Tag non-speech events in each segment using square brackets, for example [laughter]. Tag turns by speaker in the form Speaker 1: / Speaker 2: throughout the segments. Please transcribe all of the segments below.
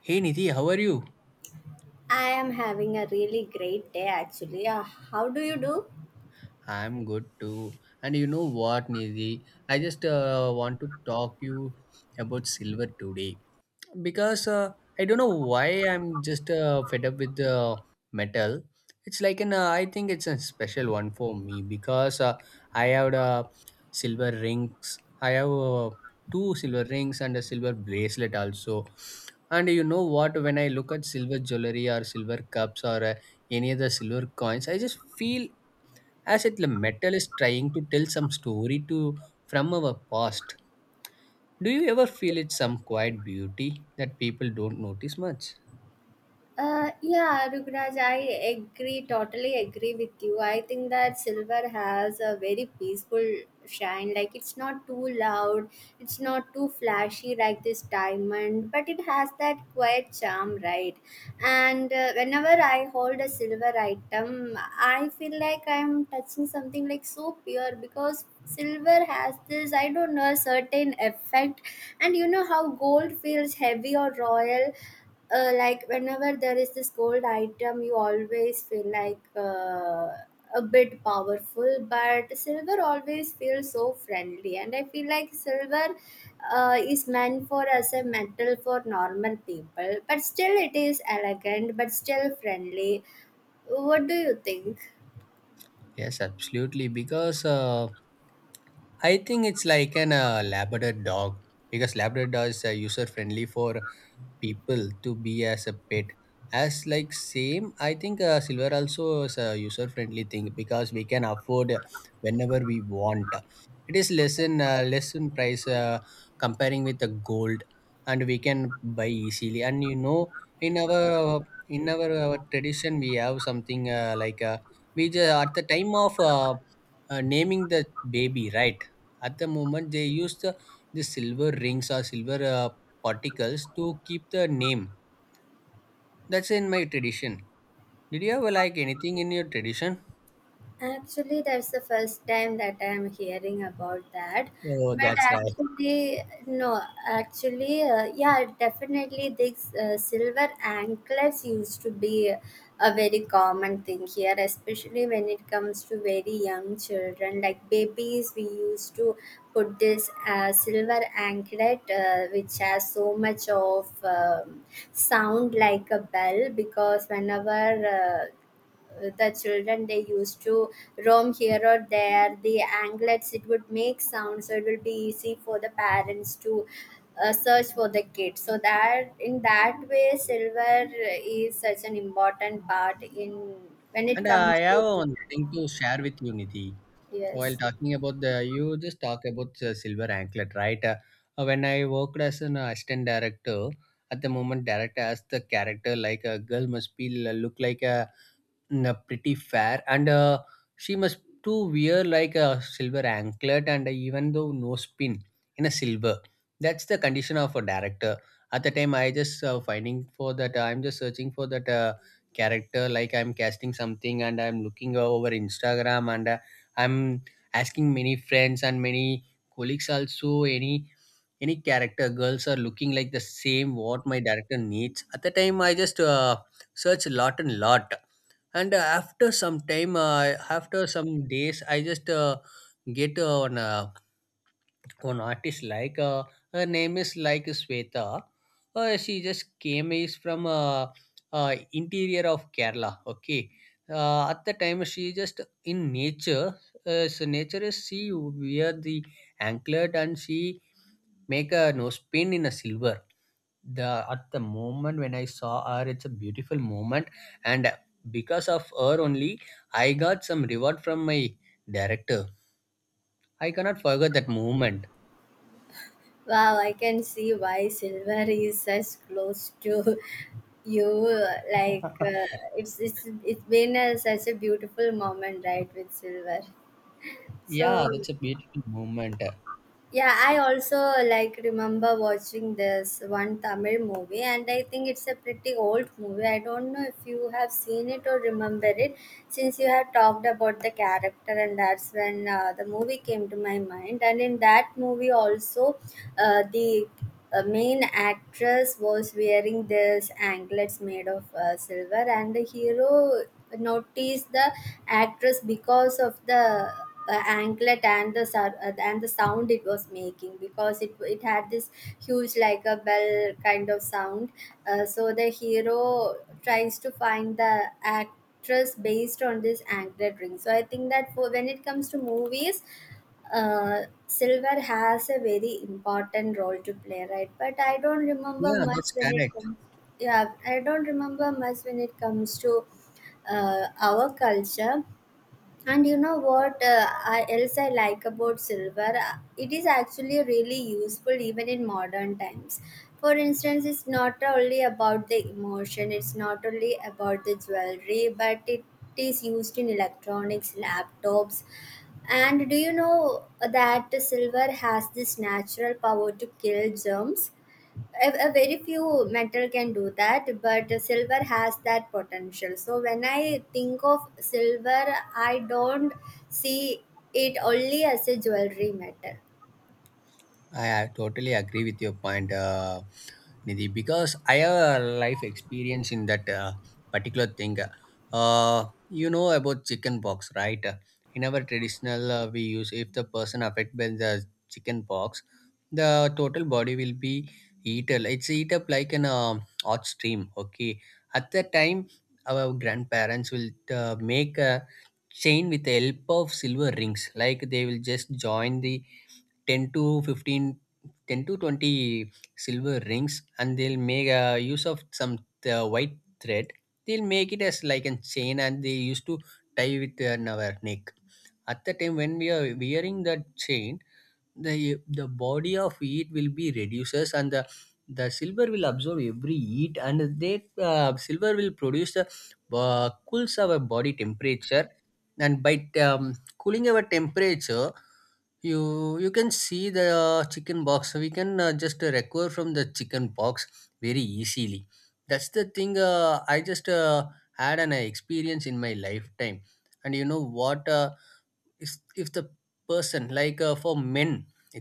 Speaker 1: Hey Nidhi, how are you?
Speaker 2: I am having a really great day actually. How do you do?
Speaker 1: I'm good too. And you know what, Nidhi? I just want to talk you about silver today. Because I don't know why I'm just fed up with the metal. It's like an I think it's a special one for me because I have silver rings. I have two silver rings and a silver bracelet also. And you know what? When I look at silver jewelry or silver cups or any other silver coins, I just feel as if the metal is trying to tell some story to from our past. Do you ever feel it's some quiet beauty that people don't notice much?
Speaker 2: Yeah, Rugraj, I agree, totally agree with you. I think that silver has a very peaceful shine. Like, it's not too loud, it's not too flashy like this diamond, but it has that quiet charm, right? And whenever I hold a silver item, I feel like I'm touching something like so pure because silver has this, I don't know, certain effect. And you know how gold feels heavy or royal? Like whenever there is this gold item you always feel like a bit powerful, but silver always feels so friendly. And I feel like silver is meant for as a metal for normal people, but still it is elegant but still friendly. What do you think?
Speaker 1: Yes, absolutely. Because I think it's like an Labrador dog because Labrador is user friendly for people to be as a pet. As like same, I think silver also is a user friendly thing because we can afford whenever we want. It is less in less in price comparing with the gold, and we can buy easily. And you know, in our tradition, we have something like we just, at the time of naming the baby, right? At the moment, they use the silver rings or silver particles to keep the name. That's in my tradition. Did you ever like anything in your tradition?
Speaker 2: Actually, that's the first time that I'm hearing about that.
Speaker 1: Oh,
Speaker 2: But
Speaker 1: that's right.
Speaker 2: actually, no, actually, yeah, definitely these silver anklets used to be a very common thing here, especially when it comes to very young children. Like babies, we used to put this silver anklet, which has so much of sound like a bell, because whenever uh, the children they used to roam here or there, the anglets it would make sound, so it will be easy for the parents to search for the kids. So that in that way silver is such an important part in when it
Speaker 1: And I
Speaker 2: comes
Speaker 1: have
Speaker 2: to.
Speaker 1: one thing to share with you, Nidhi. While
Speaker 2: Yes.
Speaker 1: talking about the, you just talk about the silver anklet, right? When I worked as an assistant director, at the moment, director has the character like a girl must be look like a pretty fair and she must to wear like a silver anklet and even though no spin in a silver. That's the condition of a director. At the time I just finding for that, I'm just searching for that character, like I'm casting something, and I'm looking over Instagram and I'm asking many friends and many colleagues also, any character girls are looking like the same what my director needs. At the time I just search lot and lot, and after some time after some days I just get one one artist like her name is like Sweta. She just came is from uh, interior of Kerala, okay. At the time she just in nature, so nature is she wear the anklet and she make a nose pin in a silver. The at the moment when I saw her, it's a beautiful moment, and because of her only, I got some reward from my director. I cannot forget that moment.
Speaker 2: Wow, I can see why silver is such close to [laughs] you. Like it's been a, such a beautiful moment, right, with silver.
Speaker 1: Yeah,
Speaker 2: So,
Speaker 1: that's a beautiful moment.
Speaker 2: yeah, I also like remember watching this one Tamil movie, and I think it's a pretty old movie. I don't know if you have seen it or remember it, since you have talked about the character, and that's when the movie came to my mind. And in that movie, also, the a main actress was wearing this anklets made of silver, and the hero noticed the actress because of the anklet and the and the sound it was making, because it had this huge like a bell kind of sound. So the hero tries to find the actress based on this anklet ring. So I think that for when it comes to movies uh, silver has a very important role to play, right? But I don't remember
Speaker 1: Yeah,
Speaker 2: much
Speaker 1: that's
Speaker 2: when it
Speaker 1: correct.
Speaker 2: comes. Yeah, I don't remember much when it comes to our culture. And you know what else I like about silver? It is actually really useful even in modern times. For instance, it's not only about the emotion, it's not only about the jewelry, but it is used in electronics, laptops. And do you know that silver has this natural power to kill germs? A very few metal can do that, but silver has that potential. So when I think of silver, I don't see it only as a jewelry metal.
Speaker 1: I totally agree with your point, Nidhi, because I have a life experience in that particular thing. You know about chicken pox, right? In our traditional, we use if the person affected by the chicken pox, the total body will be eaten. It's eat up like an hot stream. Okay, at that time, our grandparents will make a chain with the help of silver rings, like they will just join the 10 to 15, 10 to 20 silver rings, and they'll make use of some white thread. They'll make it as like a chain, and they used to tie with our neck. At the time when we are wearing that chain, the body of heat will be reduces, and the silver will absorb every heat, and they silver will produce the cools our body temperature. And by cooling our temperature, you can see the chicken box. So we can just recover from the chicken box very easily. That's the thing I just had an experience in my lifetime. And you know what if the person like for men,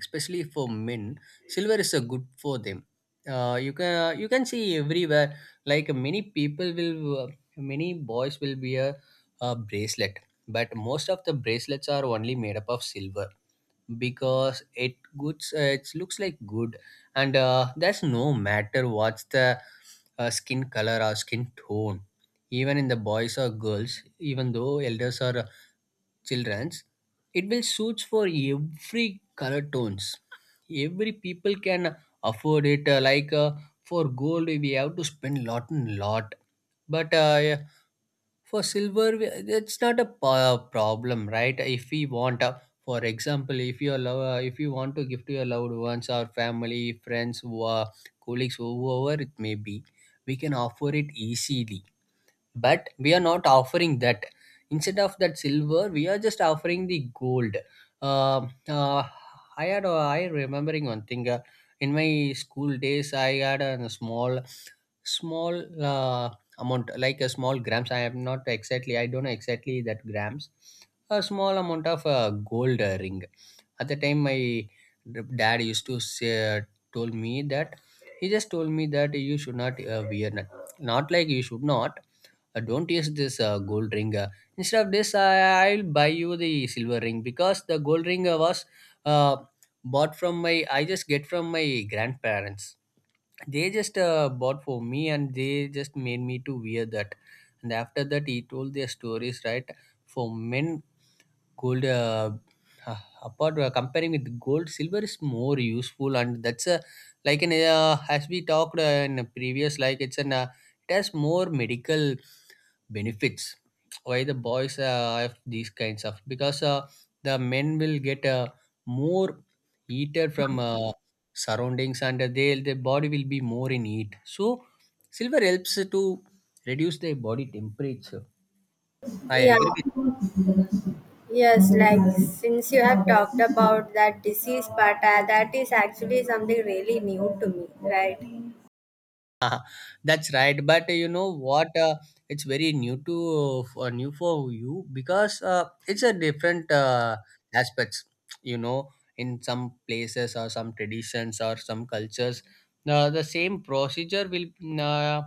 Speaker 1: especially for men, silver is a good for them. Uh, you can see everywhere, like many people will many boys will wear a bracelet, but most of the bracelets are only made up of silver because it goods it looks like good. And that's no matter what's the skin color or skin tone, even in the boys or girls, even though elders are children's, it will suits for every color tones. Every people can afford it like for gold we have to spend lot and lot, but yeah, for silver it's not a problem, right? If we want for example, if your love if you want to give to your loved ones or family friends who are colleagues, whoever it may be, we can offer it easily, but we are not offering that. Instead of that silver, we are just offering the gold. uh, uh, I remembering one thing in my school days, I had a small uh, amount, like a small grams. I am not exactly, I don't know exactly that grams, a small amount of gold ring. At the time my dad used to say told me that, he just told me that you should not wear that. Not like you should not don't use this gold ring. Instead of this, I'll buy you the silver ring because the gold ring was uh, bought from my, I just get from my grandparents. They just bought for me and they just made me to wear that. And after that he told their stories, right? For men gold apart comparing with gold, silver is more useful. And that's a like in as we talked in a previous, like it's an it has more medical benefits. Why the boys have these kinds of, because the men will get more heated from surroundings, and they the body will be more in heat, so silver helps to reduce the body temperature. I
Speaker 2: Yeah.
Speaker 1: agree with.
Speaker 2: Yes, like since you have talked about that disease part, that is actually something really new to me, right?
Speaker 1: [laughs] That's right, but you know what it's very new to for new for you because it's a different aspects, you know. In some places or some traditions or some cultures, the same procedure will uh,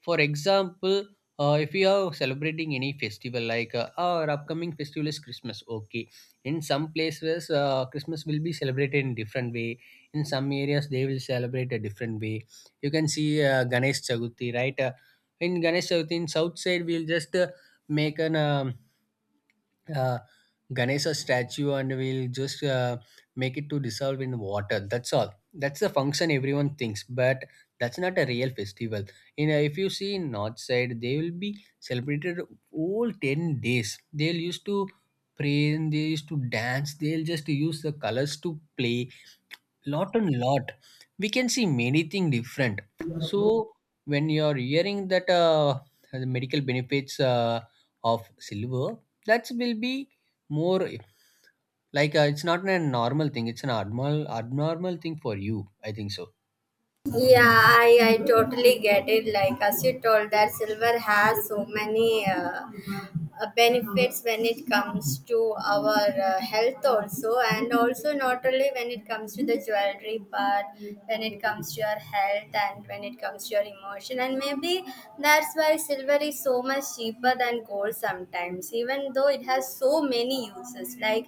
Speaker 1: for example, if you are celebrating any festival, like our upcoming festival is Christmas, okay. In some places, Christmas will be celebrated in different way. In some areas, they will celebrate a different way. You can see Ganesh Chaturthi, right? In Ganesh Chaturthi, in south side, we'll just make an uh, Ganesha statue, and we'll just make it to dissolve in water. That's all. That's the function everyone thinks, but that's not a real festival. In a, if you see in north side, they will be celebrated all 10 days. They'll used to pray and they used to dance. They'll just use the colors to play lot and lot. We can see many things different. So when you're hearing that the medical benefits of silver, that will be more like it's not a normal thing, it's an abnormal thing for you, I think so.
Speaker 2: Yeah, I totally get it. Like, as you told, that silver has so many benefits when it comes to our health, also, and also not only when it comes to the jewelry, but when it comes to your health and when it comes to your emotion. And maybe that's why silver is so much cheaper than gold sometimes, even though it has so many uses. Like,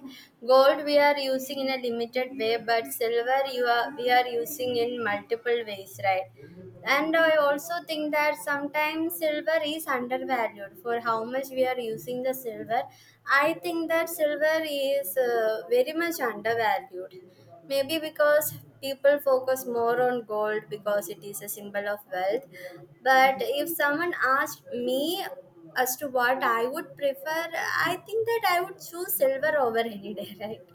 Speaker 2: gold we are using in a limited way, but silver where you are we are using in multiple ways, right? And I also think that sometimes silver is undervalued for how much we are using the silver. I think that silver is very much undervalued, maybe because people focus more on gold because it is a symbol of wealth. But if someone asked me as to what I would prefer, I think that I would choose silver over any day [laughs] right?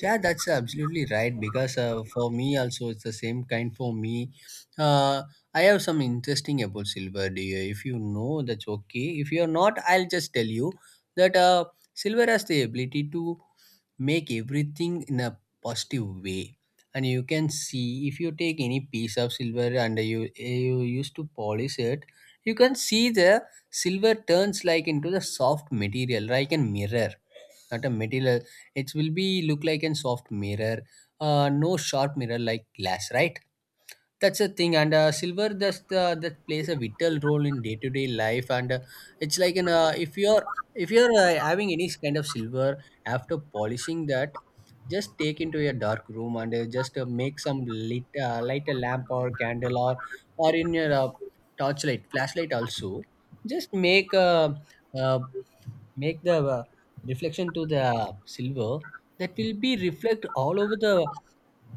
Speaker 1: Yeah, that's absolutely right. Because for me, also, it's the same kind for me. Uh, I have some interesting about silver, dear. If you know, that's okay. If you're not, I'll just tell you that silver has the ability to make everything in a positive way. And you can see if you take any piece of silver and you eh, you used to polish it, you can see the silver turns like into the soft material, like a mirror, not a material. It will be look like a soft mirror, no sharp mirror like glass, right? That's a thing, and silver that's that plays a vital role in day to day life, and it's like an if you're having any kind of silver, after polishing that, just take into your dark room and just make some lit light a lamp or candle or in your torchlight flashlight also, just make uh, make the reflection to the silver. That will be reflect all over the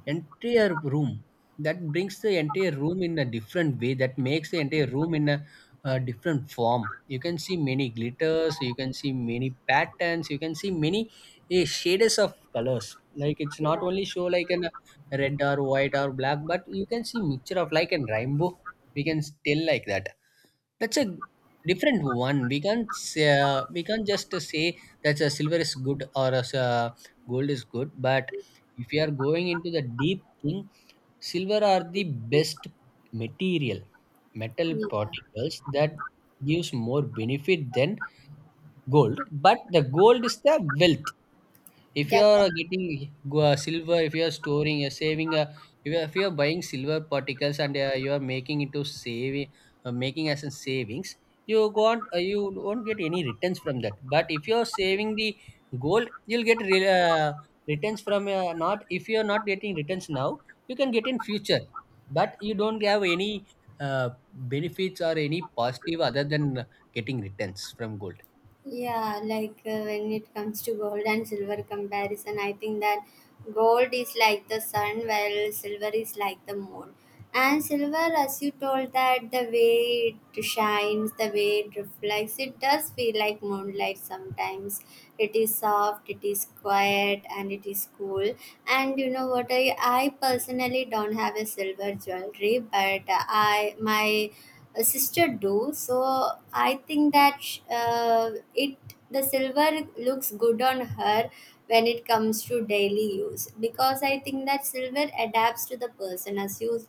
Speaker 1: entire room. That brings the entire room in a different way. That makes the entire room in a, different form. You can see many glitters. You can see many patterns. You can see many eh, shades of colors. Like it's not
Speaker 2: Yeah,
Speaker 1: only show like an red or white or black, but you can see mixture of like a rainbow. We can tell like that. That's a different one. We can't just say that silver is good or gold is good. But if you are going into the deep thing, silver are the best material, metal
Speaker 2: yeah,
Speaker 1: particles that gives more benefit than gold. But the gold is the wealth. If you are
Speaker 2: definitely.
Speaker 1: getting silver, if you are storing, saving, if you are buying silver particles and you are making into saving, making as in savings, you won't get any returns from that. But if you are saving the gold, you'll get returns from not. If you are not getting returns now, you can get in future. But you don't have any benefits or any positive other than getting returns from gold.
Speaker 2: Yeah, like when it comes to gold and silver comparison, I think that gold is like the sun, while silver is like the moon. And silver, as you told, that the way it shines, the way it reflects, it does feel like moonlight sometimes. It is soft, it is quiet, and it is cool. And you know what? I personally don't have a silver jewelry, but I my a sister do. So I think that sh- it the silver looks good on her when it comes to daily use, because I think that silver adapts to the person as you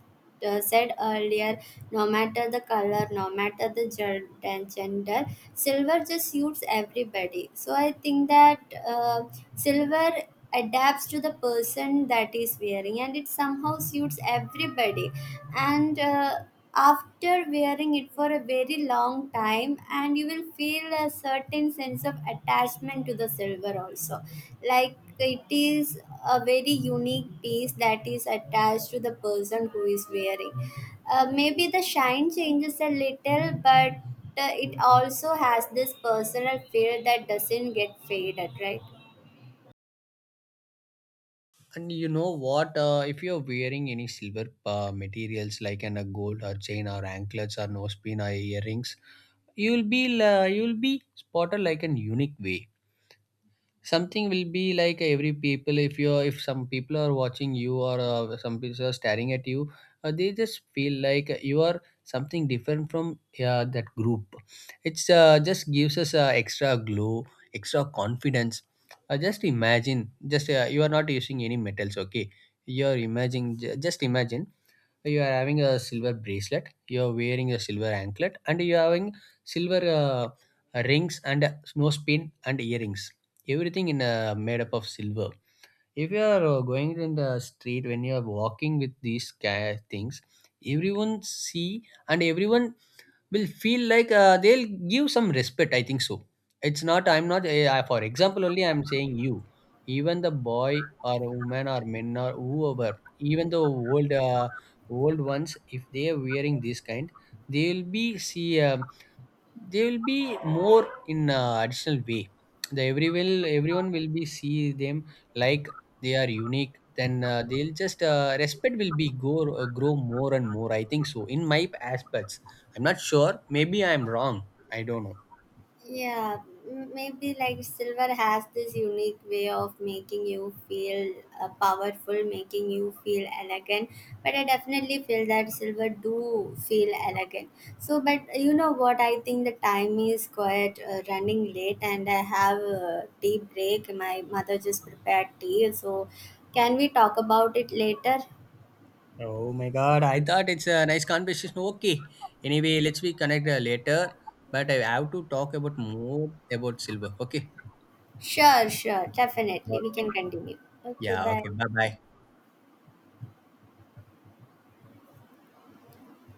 Speaker 2: said earlier. No matter the color, no matter the gender, silver just suits everybody. So I think that uh, silver adapts to the person that is wearing and it somehow suits everybody. And after wearing it for a very long time, and you will feel a certain sense of attachment to the silver also. Like it is a very unique piece that is attached to the person who is wearing. Uh, maybe the shine changes a little, but it also has this personal feel that doesn't get faded, right?
Speaker 1: And you know what? If you're wearing any silver materials like a gold or chain or anklets or nose pin or earrings, you'll be spotted like an unique way. Something will be like every people, if you're if some people are watching you or some people are staring at you, they just feel like you are something different from that group. It's just gives us extra glow, extra confidence. Just imagine, just you are not using any metals, okay. You're imagining, just imagine. So, you are having a silver bracelet, you are wearing a silver anklet, and you are having silver rings and nose pin and earrings, everything in made up of silver. If you are going in the street when you are walking with these things, everyone see, and everyone will feel like they'll give some respect, I think so. It's not, I'm not eh, for example only I'm saying you, even the boy or woman or men or whoever, even the old old ones, if they are wearing this kind, they'll be see they will be more in a additional way. The every will everyone will be see them like they are unique. Then they'll just respect will be go grow more and more, I think so in my aspects. I'm not sure, maybe I'm wrong, I don't know.
Speaker 2: Yeah, maybe like silver has this unique way of making you feel powerful, making you feel elegant. But I definitely feel that silver do feel elegant. So, but you know what? I think the time is quite running late, and I have a tea break. My mother just prepared tea, so can we talk about it later?
Speaker 1: Oh my god, I thought it's a nice conversation, okay. Anyway, let's be connect later, but I have to talk about more about silver, okay.
Speaker 2: Sure, sure, definitely. We can continue. Okay,
Speaker 1: Yeah,
Speaker 2: bye.
Speaker 1: okay, bye bye.